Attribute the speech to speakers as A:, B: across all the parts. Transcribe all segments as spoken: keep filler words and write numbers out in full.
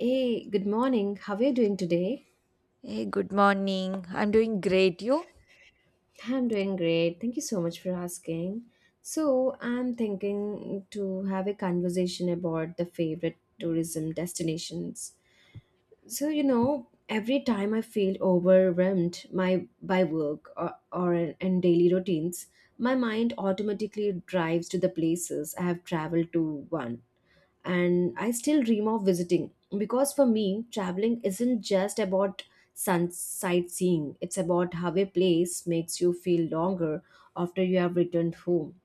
A: Hey, good morning. How are you doing today?
B: Hey, good morning. I'm doing great, you?
A: I'm doing great. Thank you so much for asking. So, I'm thinking to have a conversation about the favorite tourism destinations. So, you know, every time I feel overwhelmed my by work or, or and daily routines, my mind automatically drives to the places I have traveled to once and I still dream of visiting because for me, traveling isn't just about sun sightseeing, it's about how a place makes you feel longer after you have returned home.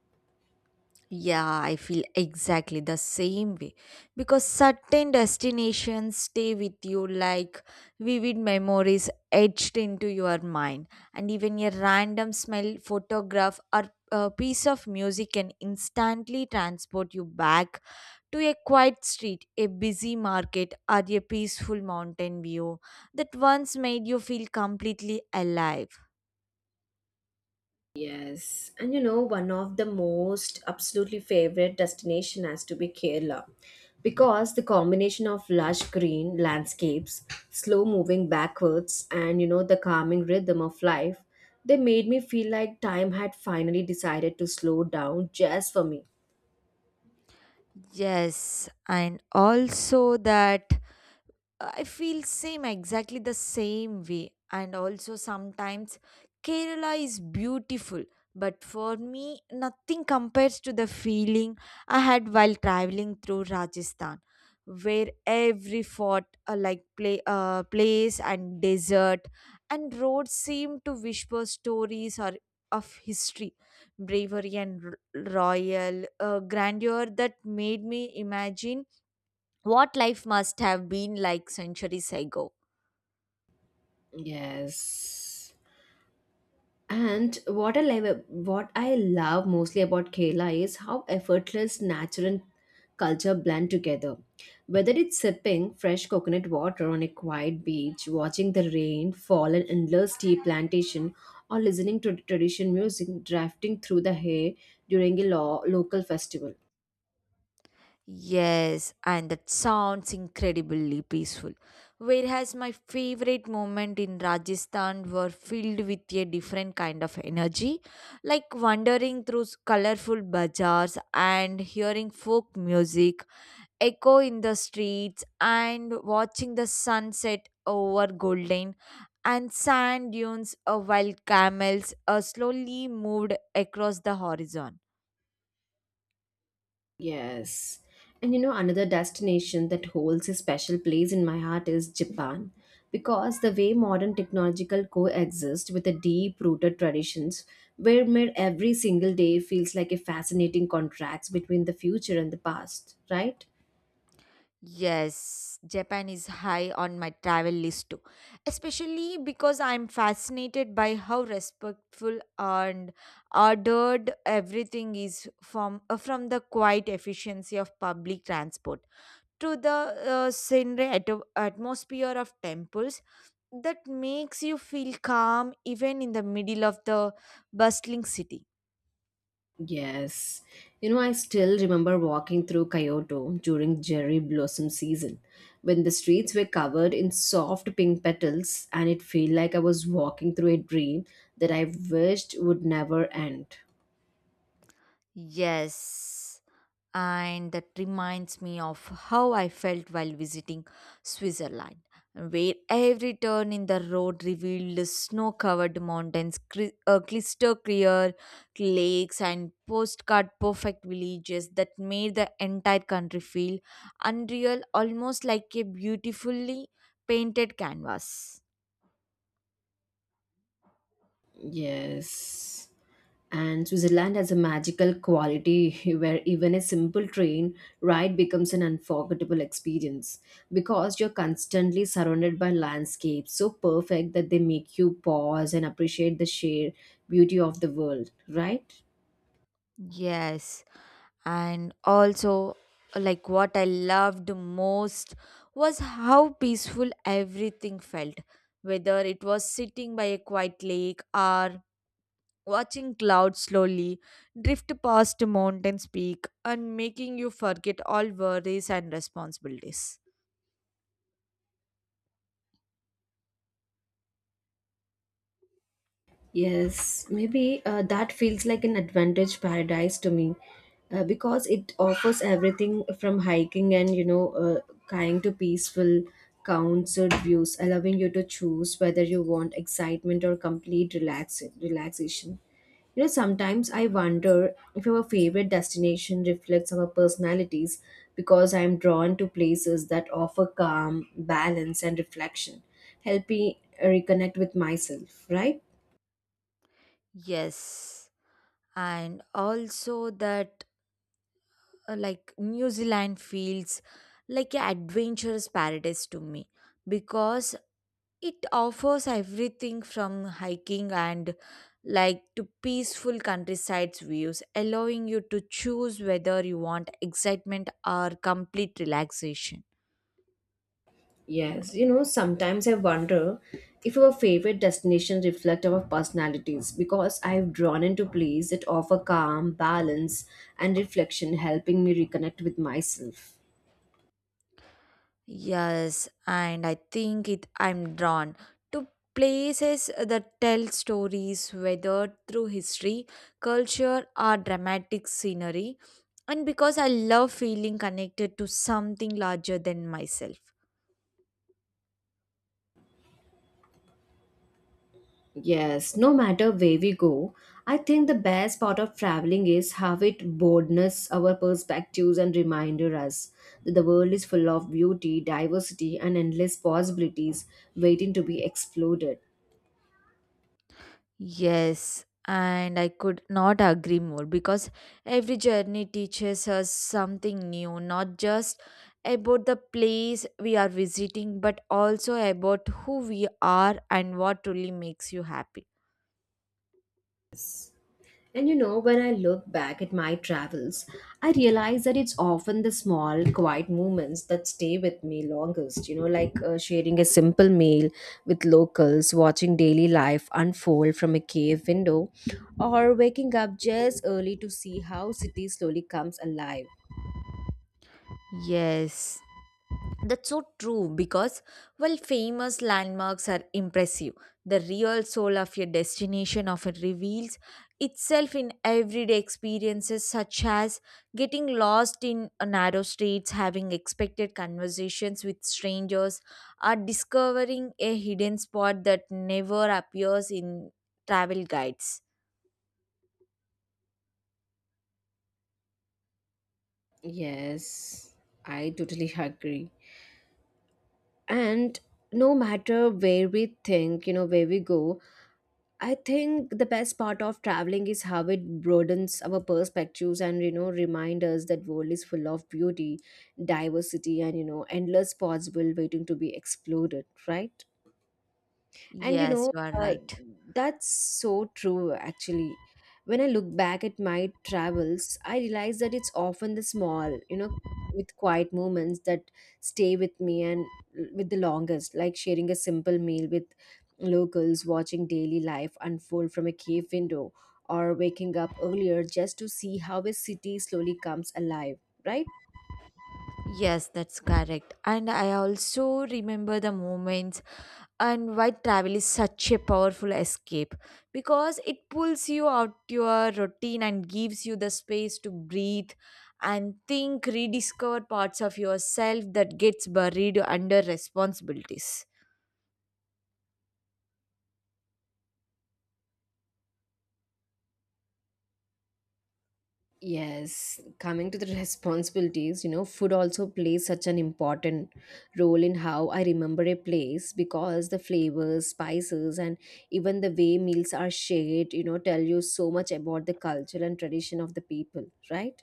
B: Yeah, I feel exactly the same way because certain destinations stay with you like vivid memories etched into your mind, and even a random smell, photograph, or a piece of music can instantly transport you back to a quiet street, a busy market, or a peaceful mountain view that once made you feel completely alive.
A: Yes, and you know, one of the most absolutely favorite destination has to be Kerala because the combination of lush green landscapes, slow moving backwards, and you know, the calming rhythm of life, they made me feel like time had finally decided to slow down just for me.
B: Yes, and also that I feel same exactly the same way, and also sometimes Kerala is beautiful, but for me nothing compares to the feeling I had while traveling through Rajasthan, where every fort, uh, like play, uh, place and desert and road seem to whisper stories or of history, bravery and r- royal uh, grandeur that made me imagine what life must have been like centuries ago.
A: Yes. And what I love, what I love mostly about Kerala is how effortless nature and culture blend together. Whether it's sipping fresh coconut water on a quiet beach, watching the rain fall in endless tea plantation, or listening to traditional music drafting through the hair during a lo- local festival.
B: Yes, and that sounds incredibly peaceful. Whereas my favorite moment in Rajasthan were filled with a different kind of energy, like wandering through colorful bazaars and hearing folk music echo in the streets and watching the sunset over golden and sand dunes uh, while camels uh, slowly moved across the horizon.
A: Yes. And you know, another destination that holds a special place in my heart is Japan, because the way modern technological coexist with the deep-rooted traditions, where made every single day feels like a fascinating contrast between the future and the past, right?
B: Yes, Japan is high on my travel list too, especially because I'm fascinated by how respectful and ordered everything is, from uh, from the quiet efficiency of public transport to the uh, scenery ato- atmosphere of temples that makes you feel calm even in the middle of the bustling city.
A: Yes. You know, I still remember walking through Kyoto during cherry blossom season when the streets were covered in soft pink petals and it felt like I was walking through a dream that I wished would never end.
B: Yes, and that reminds me of how I felt while visiting Switzerland, where every turn in the road revealed snow covered mountains, cri- uh, crystal clear lakes, and postcard perfect villages that made the entire country feel unreal, almost like a beautifully painted canvas.
A: Yes. And Switzerland has a magical quality where even a simple train ride becomes an unforgettable experience because you're constantly surrounded by landscapes so perfect that they make you pause and appreciate the sheer beauty of the world, right?
B: Yes, and also, like, what i loved most was how peaceful everything felt, whether it was sitting by a quiet lake or watching clouds slowly drift past a mountain's peak, and making you forget all worries and responsibilities.
A: Yes, maybe uh, that feels like an advantage paradise to me uh, because it offers everything from hiking and, you know, uh, kind to peaceful, counseled views, allowing you to choose whether you want excitement or complete relax- relaxation. You know, sometimes I wonder if our favorite destination reflects our personalities because I am drawn to places that offer calm, balance, and reflection, help me uh, reconnect with myself, right?
B: Yes, and also that uh, like new zealand feels like an adventurous paradise to me, because It offers everything from hiking and, like, to peaceful countryside views, allowing you to choose whether you want excitement or complete relaxation.
A: Yes, you know, sometimes I wonder if our favorite destinations reflect our personalities because I've drawn into places that offer calm, balance, and reflection, helping me reconnect with myself.
B: Yes, and I think it I'm drawn to places that tell stories, whether through history, culture or dramatic scenery, and because I love feeling connected to something larger than myself.
A: Yes, no matter where we go, I think the best part of traveling is how it broadens our perspectives and reminder us that the world is full of beauty, diversity, and endless possibilities waiting to be explored.
B: Yes, and I could not agree more, because every journey teaches us something new, not just about the place we are visiting, but also about who we are and what truly makes you happy.
A: And you know, when I look back at my travels, I realize that it's often the small, quiet moments that stay with me longest. You know, like uh, sharing a simple meal with locals, watching daily life unfold from a cave window, or waking up just early to see how city slowly comes alive.
B: Yes. That's so true, because while famous landmarks are impressive, the real soul of your destination often reveals itself in everyday experiences, such as getting lost in a narrow streets, having expected conversations with strangers, or discovering a hidden spot that never appears in travel guides.
A: Yes, I totally agree. And no matter where we think, you know, where we go, I think the best part of traveling is how it broadens our perspectives and you know remind us that world is full of beauty, diversity and you know endless possible waiting to be explored, right? And you
B: Yes,
A: know,
B: you are
A: uh,
B: right.
A: that's so true actually. When I look back at my travels, I realize that it's often the small, you know, with quiet moments that stay with me and l- with the longest, like sharing a simple meal with locals, watching daily life unfold from a cave window, or waking up earlier just to see how a city slowly comes alive, right?
B: Yes, that's correct. And I also remember the moments and why travel is such a powerful escape, because it pulls you out your routine and gives you the space to breathe and think, rediscover parts of yourself that gets buried under responsibilities.
A: Yes, coming to the responsibilities, you know, food also plays such an important role in how I remember a place because the flavors, spices, and even the way meals are shared, you know, tell you so much about the culture and tradition of the people, right?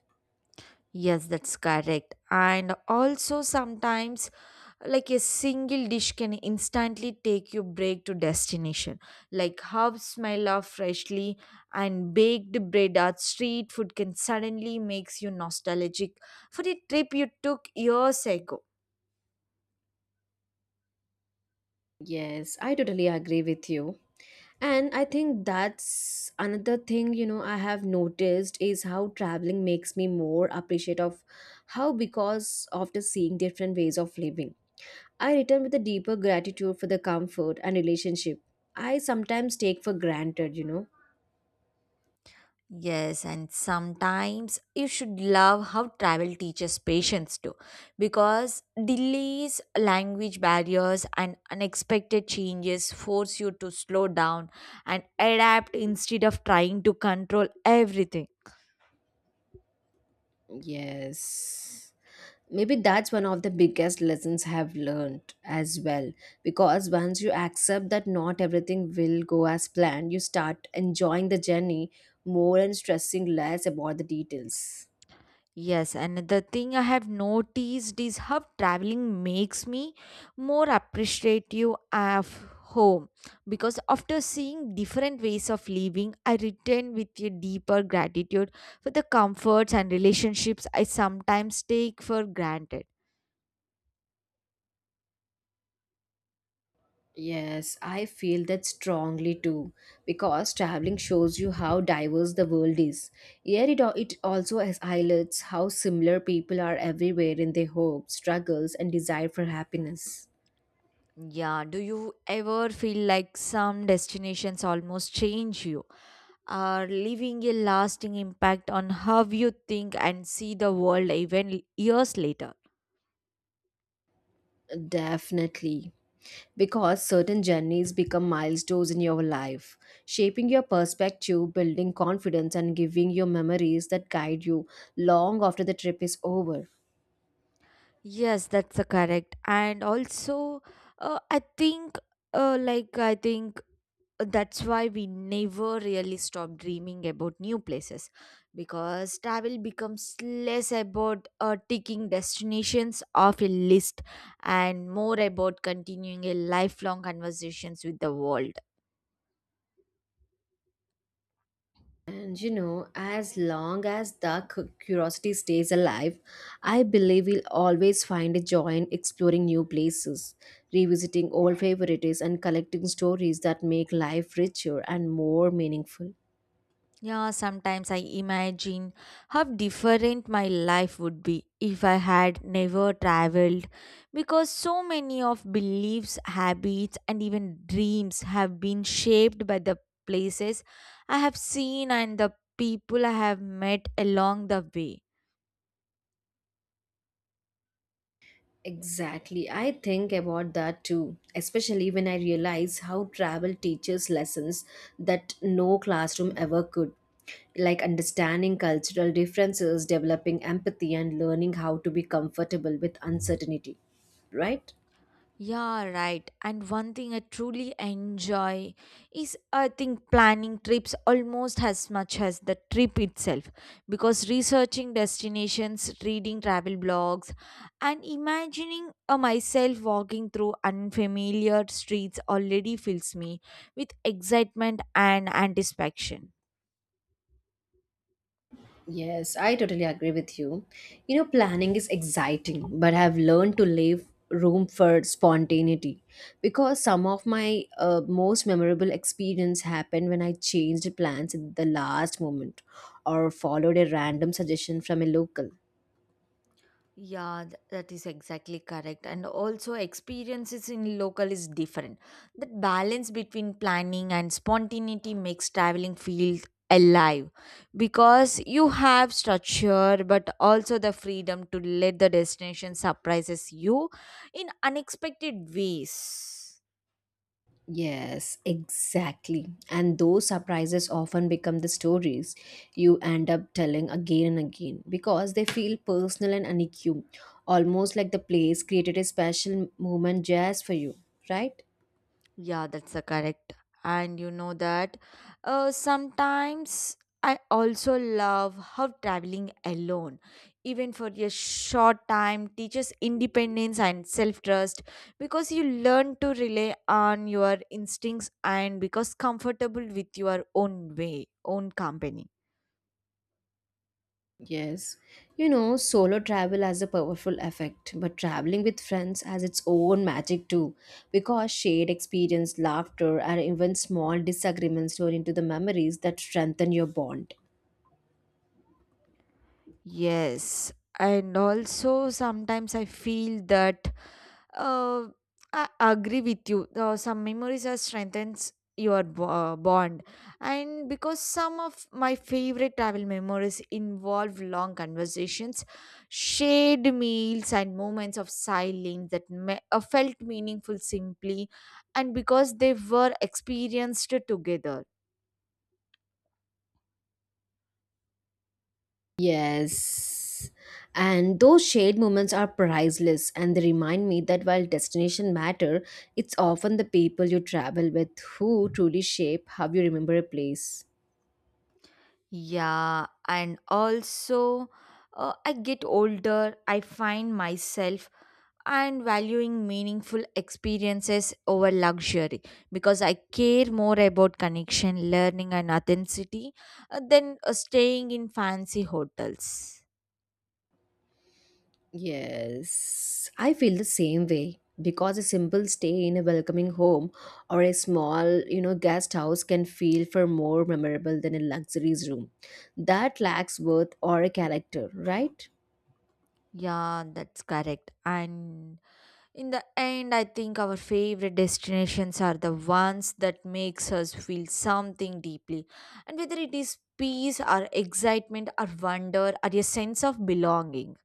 B: Yes, that's correct. And also sometimes, like, a single dish can instantly take you break to destination, like how smell of freshly and baked bread or street food can suddenly makes you nostalgic for a trip you took years ago.
A: Yes, I totally agree with you. And I think that's another thing, you know, I have noticed is how traveling makes me more appreciative of how because after seeing different ways of living, I return with a deeper gratitude for the comfort and relationship I sometimes take for granted, you know.
B: Yes, and sometimes you should love how travel teaches patience too, because delays, language barriers and unexpected changes force you to slow down and adapt instead of trying to control everything.
A: Yes. Maybe that's one of the biggest lessons I have learned as well because once you accept that not everything will go as planned you start enjoying the journey more and stressing less about the details.
B: Yes, another thing I have noticed is how traveling makes me more appreciative of home, because after seeing different ways of living, I return with a deeper gratitude for the comforts and relationships I sometimes take for granted.
A: Yes, I feel that strongly too because traveling shows you how diverse the world is. Yet it, al- it also has highlights how similar people are everywhere in their hopes struggles and desire for happiness.
B: Yeah, do you ever feel like some destinations almost change you, are leaving a lasting impact on how you think and see the world even years later?
A: Definitely, because certain journeys become milestones in your life, shaping your perspective, building confidence, and giving you memories that guide you long after the trip is over.
B: Yes, that's a correct. And also, uh, I think, uh, like, I think that's why we never really stop dreaming about new places, because travel becomes less about uh, ticking destinations off a list and more about continuing a lifelong conversations with the world.
A: And you know, as long as the cu- curiosity stays alive, I believe we'll always find a joy in exploring new places, revisiting old favorites, and collecting stories that make life richer and more meaningful.
B: Yeah, sometimes I imagine how different my life would be if I had never traveled, because so many of beliefs, habits, and even dreams have been shaped by the places I have seen and the people I have met along the way.
A: Exactly. I think about that too, especially when I realize how travel teaches lessons that no classroom ever could, like understanding cultural differences, developing empathy, and learning how to be comfortable with uncertainty, right?
B: Yeah, right. And one thing I truly enjoy is, I think, planning trips almost as much as the trip itself, because researching destinations, reading travel blogs, and imagining uh, myself walking through unfamiliar streets already fills me with excitement and anticipation.
A: Yes, I totally agree with you. You know, planning is exciting, but I've learned to leave room for spontaneity because some of my uh, most memorable experience happened when I changed plans at the last moment or followed a random suggestion from a local.
B: Yeah, th- that is exactly correct. And also, experiences in local is different. That balance between planning and spontaneity makes traveling feel alive, because you have structure but also the freedom to let the destination surprises you in unexpected ways.
A: Yes, exactly. And those surprises often become the stories you end up telling again and again because they feel personal and unique, almost like the place created a special moment just for you, right?
B: Yeah, that's a correct. And you know that uh, sometimes I also love how traveling alone, even for a short time, teaches independence and self trust, because you learn to rely on your instincts and because comfortable with your own way, own company.
A: Yes. You know, solo travel has a powerful effect, but traveling with friends has its own magic too, because shared experience, laughter, and even small disagreements turn into the memories that strengthen your bond.
B: Yes. And also, sometimes I feel that Uh, I agree with you. Uh, some memories are strengthens your bo- uh, bond, and because some of my favorite travel memories involve long conversations, shared meals, and moments of silence that me- uh, felt meaningful simply, and because they were experienced together.
A: Yes. And those shared moments are priceless and they remind me that while destination matter, it's often the people you travel with who truly shape how you remember a place.
B: Yeah, and also, uh, I get older, I find myself and valuing meaningful experiences over luxury, because I care more about connection, learning, and authenticity uh, than uh, staying in fancy hotels.
A: Yes, I feel the same way because a simple stay in a welcoming home or a small, you know, guest house can feel far more memorable than a luxury room that lacks worth or a character, right?
B: Yeah, that's correct. And in the end, I think our favorite destinations are the ones that makes us feel something deeply, and whether it is peace or excitement or wonder or a sense of belonging.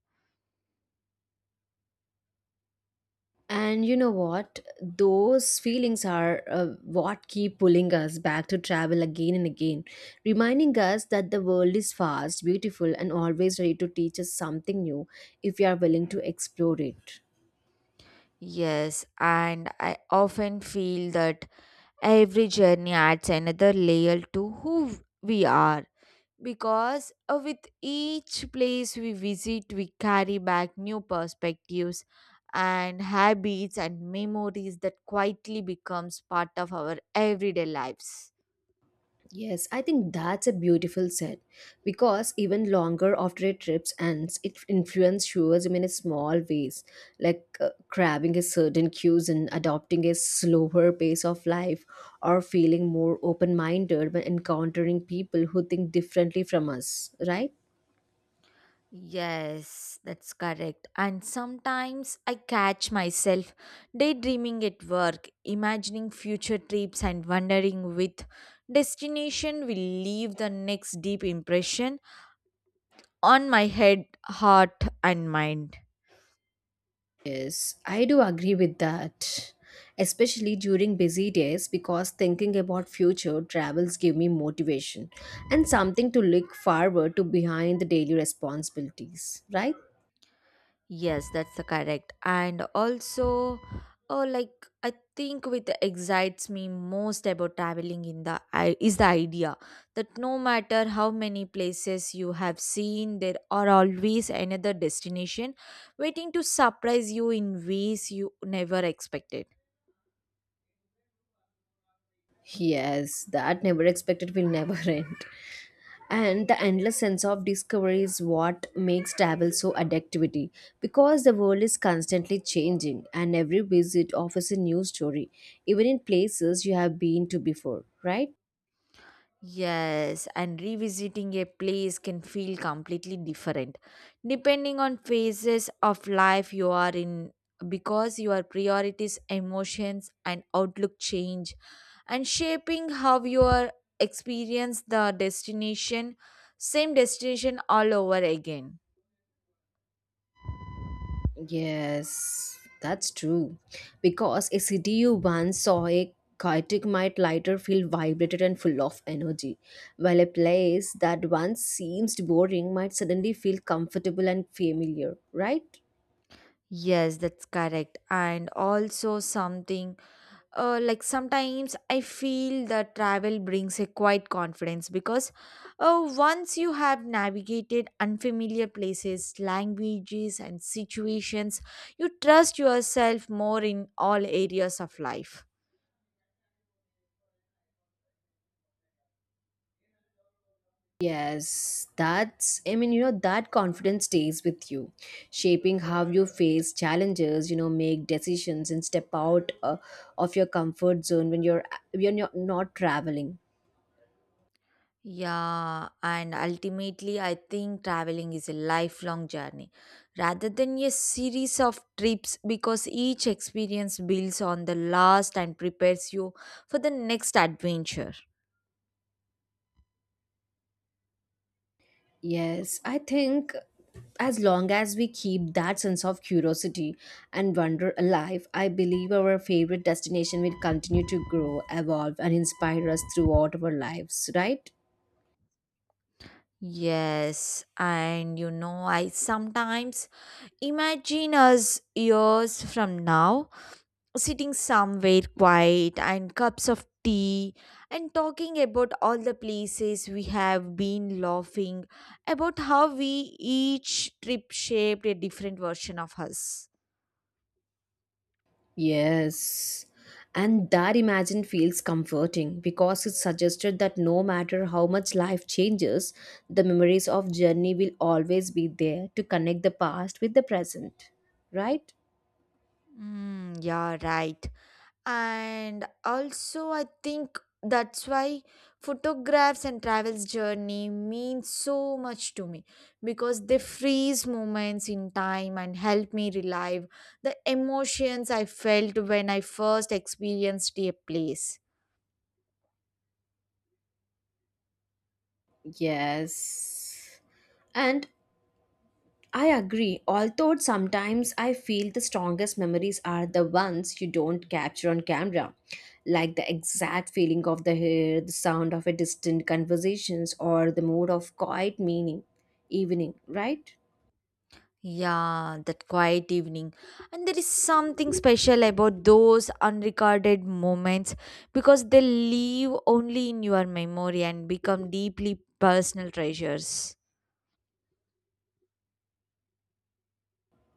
A: And you know what? Those feelings are uh, what keep pulling us back to travel again and again, reminding us that the world is vast, beautiful, and always ready to teach us something new if we are willing to explore it.
B: Yes, and I often feel that Every journey adds another layer to who we are, because uh, with each place we visit, we carry back new perspectives and habits and memories that quietly becomes part of our everyday lives.
A: Yes, I think that's a beautiful set because even longer after a trip ends, it influences tourism in a small ways, like uh, grabbing a certain cues and adopting a slower pace of life, or feeling more open minded when encountering people who think differently from us, right?
B: Yes, that's correct. And sometimes I catch myself daydreaming at work, imagining future trips and wondering with destination will leave the next deep impression on my head, heart, and mind.
A: Yes, I do agree with that. Especially during busy days because thinking about future travels give me motivation and something to look forward to behind the daily responsibilities, right?
B: Yes, that's the correct. And also, oh, like, I think what excites me most about traveling in the i- is the idea that no matter how many places you have seen, there are always another destination waiting to surprise you in ways you never expected.
A: Yes, that never expected will never end. And the endless sense of discovery is what makes travel so addictivity because the world is constantly changing and every visit offers a new story, even in places you have been to before, right?
B: Yes, and revisiting a place can feel completely different depending on phases of life you are in, because your priorities, emotions, and outlook change and shaping how you are experience the destination same destination all over again.
A: Yes, that's true. Because a city you once saw a chaotic might lighter feel vibrated and full of energy, while a place that once seemed boring might suddenly feel comfortable and familiar, right?
B: Yes, that's correct. And also something, uh, like, sometimes I feel that travel brings a quiet confidence, because uh, once you have navigated unfamiliar places, languages, and situations, you trust yourself more in all areas of life.
A: Yes, that's, I mean, you know, that confidence stays with you, shaping how you face challenges, you know, make decisions and step out uh, of your comfort zone when you're when you're not traveling.
B: Yeah, and ultimately, I think traveling is a lifelong journey rather than a series of trips, because each experience builds on the last and prepares you for the next adventure.
A: Yes, I think as long as we keep that sense of curiosity and wonder alive, I believe our favorite destination will continue to grow, evolve, and inspire us throughout our lives, right?
B: Yes, and you know, I sometimes imagine us years from now sitting somewhere quiet and cups of tea and talking about all the places we have been, laughing about how we each trip shaped a different version of us.
A: Yes. And that imagine feels comforting because it suggested that no matter how much life changes, the memories of journey will always be there to connect the past with the present, right?
B: Mm, yeah, right. And also, I think that's why photographs and travels journey mean so much to me, because they freeze moments in time and help me relive the emotions I felt when I first experienced a place.
A: Yes. And I agree, although sometimes I feel the strongest memories are the ones you don't capture on camera, like the exact feeling of the hair, the sound of a distant conversations, or the mood of quiet meaning evening, right?
B: Yeah, that quiet evening. And there is something special about those unrecorded moments, because they live only in your memory and become deeply personal treasures.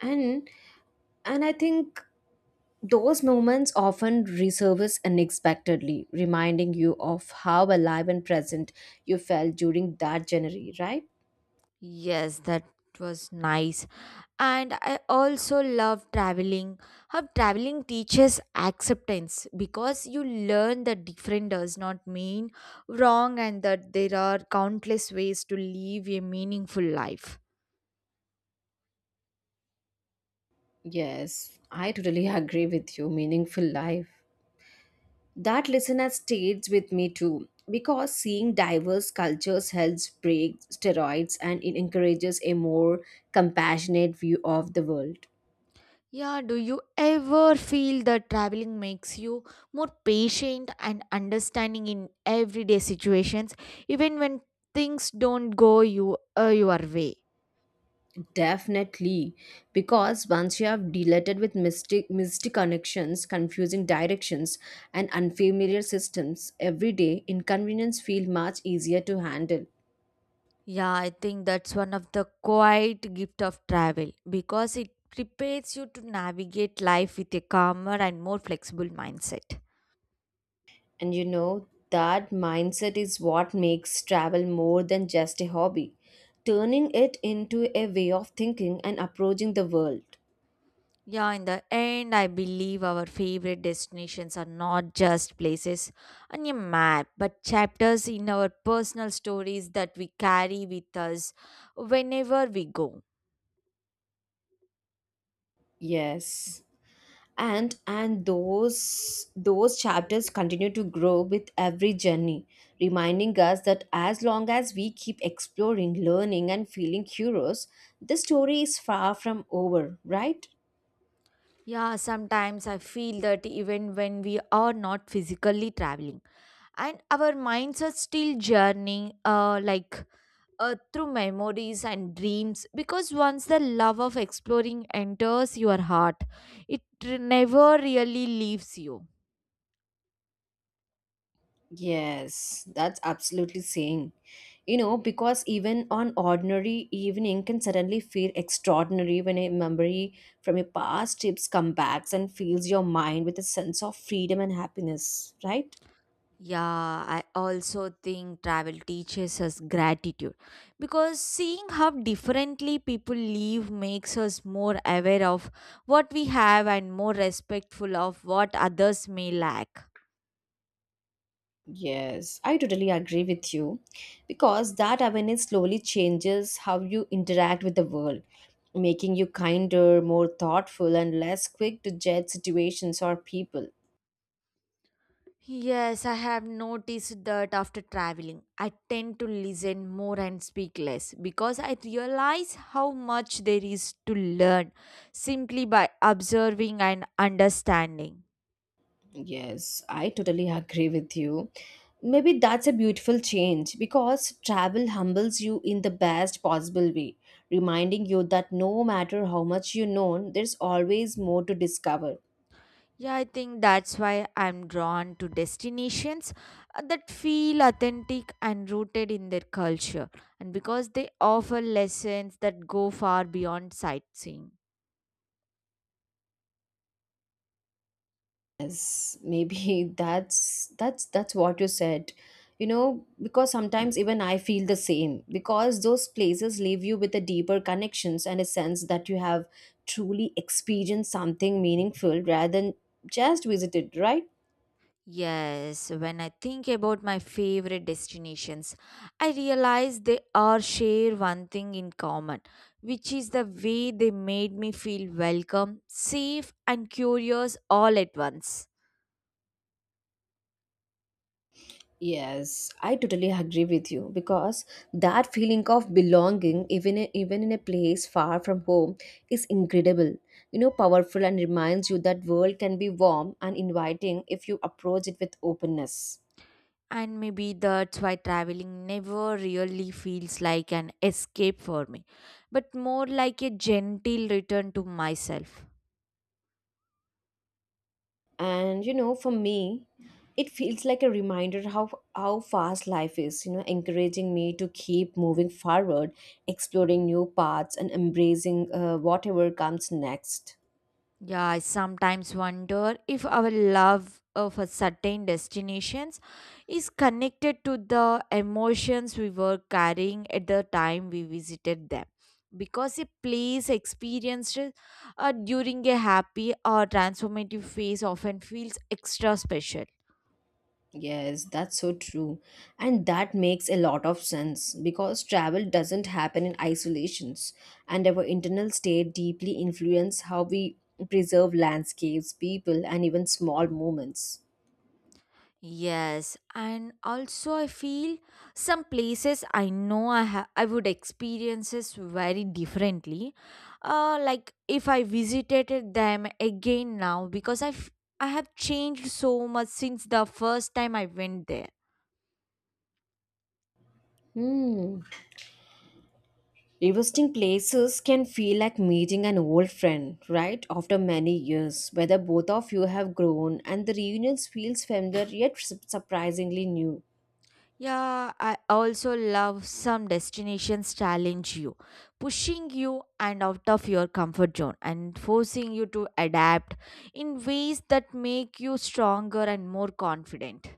A: And and I think those moments often resurface unexpectedly, reminding you of how alive and present you felt during that January, right?
B: Yes, that was nice. And I also love traveling. How traveling teaches acceptance, because you learn that different does not mean wrong and that there are countless ways to live a meaningful life.
A: Yes, I totally agree with you. Meaningful life. That lesson has stayed with me too, because seeing diverse cultures helps break stereotypes and it encourages a more compassionate view of the world.
B: Yeah, do you ever feel that traveling makes you more patient and understanding in everyday situations, even when things don't go you uh, your way?
A: Definitely, because once you have deleted with mystic, mystic connections, confusing directions, and unfamiliar systems, every day inconvenience feel much easier to handle.
B: Yeah, I think that's one of the quiet gift of travel, because it prepares you to navigate life with a calmer and more flexible mindset.
A: And you know, that mindset is what makes travel more than just a hobby, turning it into a way of thinking and approaching the world.
B: Yeah, in the end, I believe our favorite destinations are not just places on a map, but chapters in our personal stories that we carry with us whenever we go.
A: Yes. And and those those chapters continue to grow with every journey, reminding us that as long as we keep exploring, learning and feeling curious, the story is far from over, right?
B: Yeah, sometimes I feel that even when we are not physically traveling, and our minds are still journeying, uh, like, uh, through memories and dreams, because once the love of exploring enters your heart, it never really leaves you.
A: Yes, that's absolutely saying. You know, because even on ordinary evening can suddenly feel extraordinary when a memory from your past trips come back and fills your mind with a sense of freedom and happiness, right?
B: Yeah, I also think travel teaches us gratitude, because seeing how differently people live makes us more aware of what we have and more respectful of what others may lack.
A: Yes, I totally agree with you because that awareness slowly changes how you interact with the world, making you kinder, more thoughtful, and less quick to judge situations or people.
B: Yes, I have noticed that after traveling, I tend to listen more and speak less, because I realize how much there is to learn simply by observing and understanding.
A: Yes, I totally agree with you. Maybe that's a beautiful change because travel humbles you in the best possible way, reminding you that no matter how much you know, there's always more to discover.
B: Yeah, I think that's why I'm drawn to destinations uh, that feel authentic and rooted in their culture, and because they offer lessons that go far beyond sightseeing.
A: Yes, maybe that's that's that's what you said. You know, because sometimes even I feel the same because those places leave you with a deeper connections and a sense that you have truly experienced something meaningful rather than just visited, right?
B: Yes, when I think about my favorite destinations, I realize they all share one thing in common, which is the way they made me feel welcome, safe, and curious all at once.
A: Yes, I totally agree with you because that feeling of belonging, even in, even in a place far from home, is incredible. You know, powerful and reminds you that world can be warm and inviting if you approach it with openness.
B: And maybe that's why traveling never really feels like an escape for me, but more like a gentle return to myself.
A: And you know, for me, it feels like a reminder how how fast life is. You know, encouraging me to keep moving forward, exploring new paths, and embracing uh, whatever comes next.
B: Yeah, I sometimes wonder if our love of a certain destinations is connected to the emotions we were carrying at the time we visited them. Because a place experienced uh, during a happy or transformative phase often feels extra special.
A: Yes, that's so true. And that makes a lot of sense because travel doesn't happen in isolations, and our internal state deeply influence how we preserve landscapes, people, and even small moments.
B: Yes, and also I feel some places I know I ha- I would experiences very differently. Uh, like if I visited them again now, because I f- I have changed so much since the first time I went there.
A: Hmm. Revisiting places can feel like meeting an old friend, right? After many years, whether both of you have grown and the reunions feels familiar yet su- surprisingly new.
B: Yeah, I also love some destinations challenge you, pushing you and out of your comfort zone and forcing you to adapt in ways that make you stronger and more confident.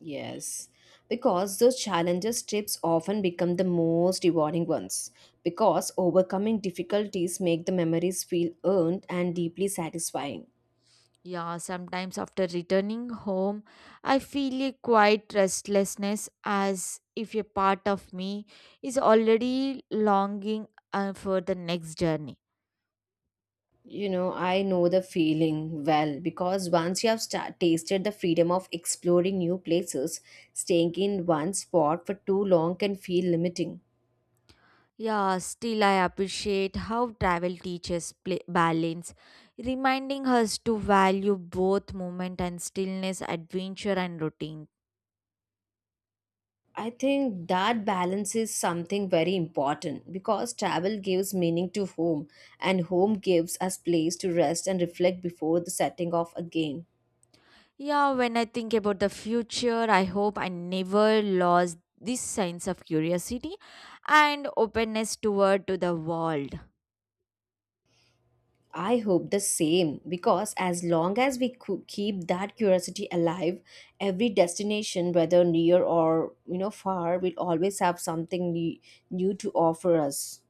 A: Yes, because those challenges trips often become the most rewarding ones because overcoming difficulties make the memories feel earned and deeply satisfying.
B: Yeah, sometimes after returning home, I feel a quiet restlessness as if a part of me is already longing uh, for the next journey.
A: You know, I know the feeling well because once you have sta tasted the freedom of exploring new places, staying in one spot for too long can feel limiting.
B: Yeah, still I appreciate how travel teaches pla balance, reminding us to value both movement and stillness, adventure and routine.
A: I think that balance is something very important because travel gives meaning to home and home gives us place to rest and reflect before the setting off again.
B: Yeah, when I think about the future, I hope I never lost this sense of curiosity and openness toward to the world.
A: I hope the same because as long as we cou- keep that curiosity alive, every destination whether near or you know far will always have something ne- new to offer us.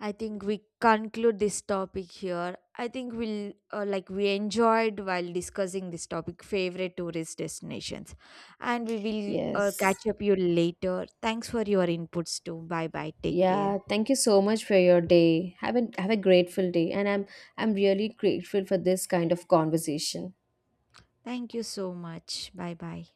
B: I think we conclude this topic here. I think we'll, uh, like, we enjoyed while discussing this topic favorite tourist destinations, and we will uh,
A: Yes.
B: catch up you later. Thanks for your inputs too. Bye bye. Take care.
A: Yeah, thank you so much for your day. Have a have a grateful day, and I'm I'm really grateful for this kind of conversation.
B: Thank you so much. Bye bye.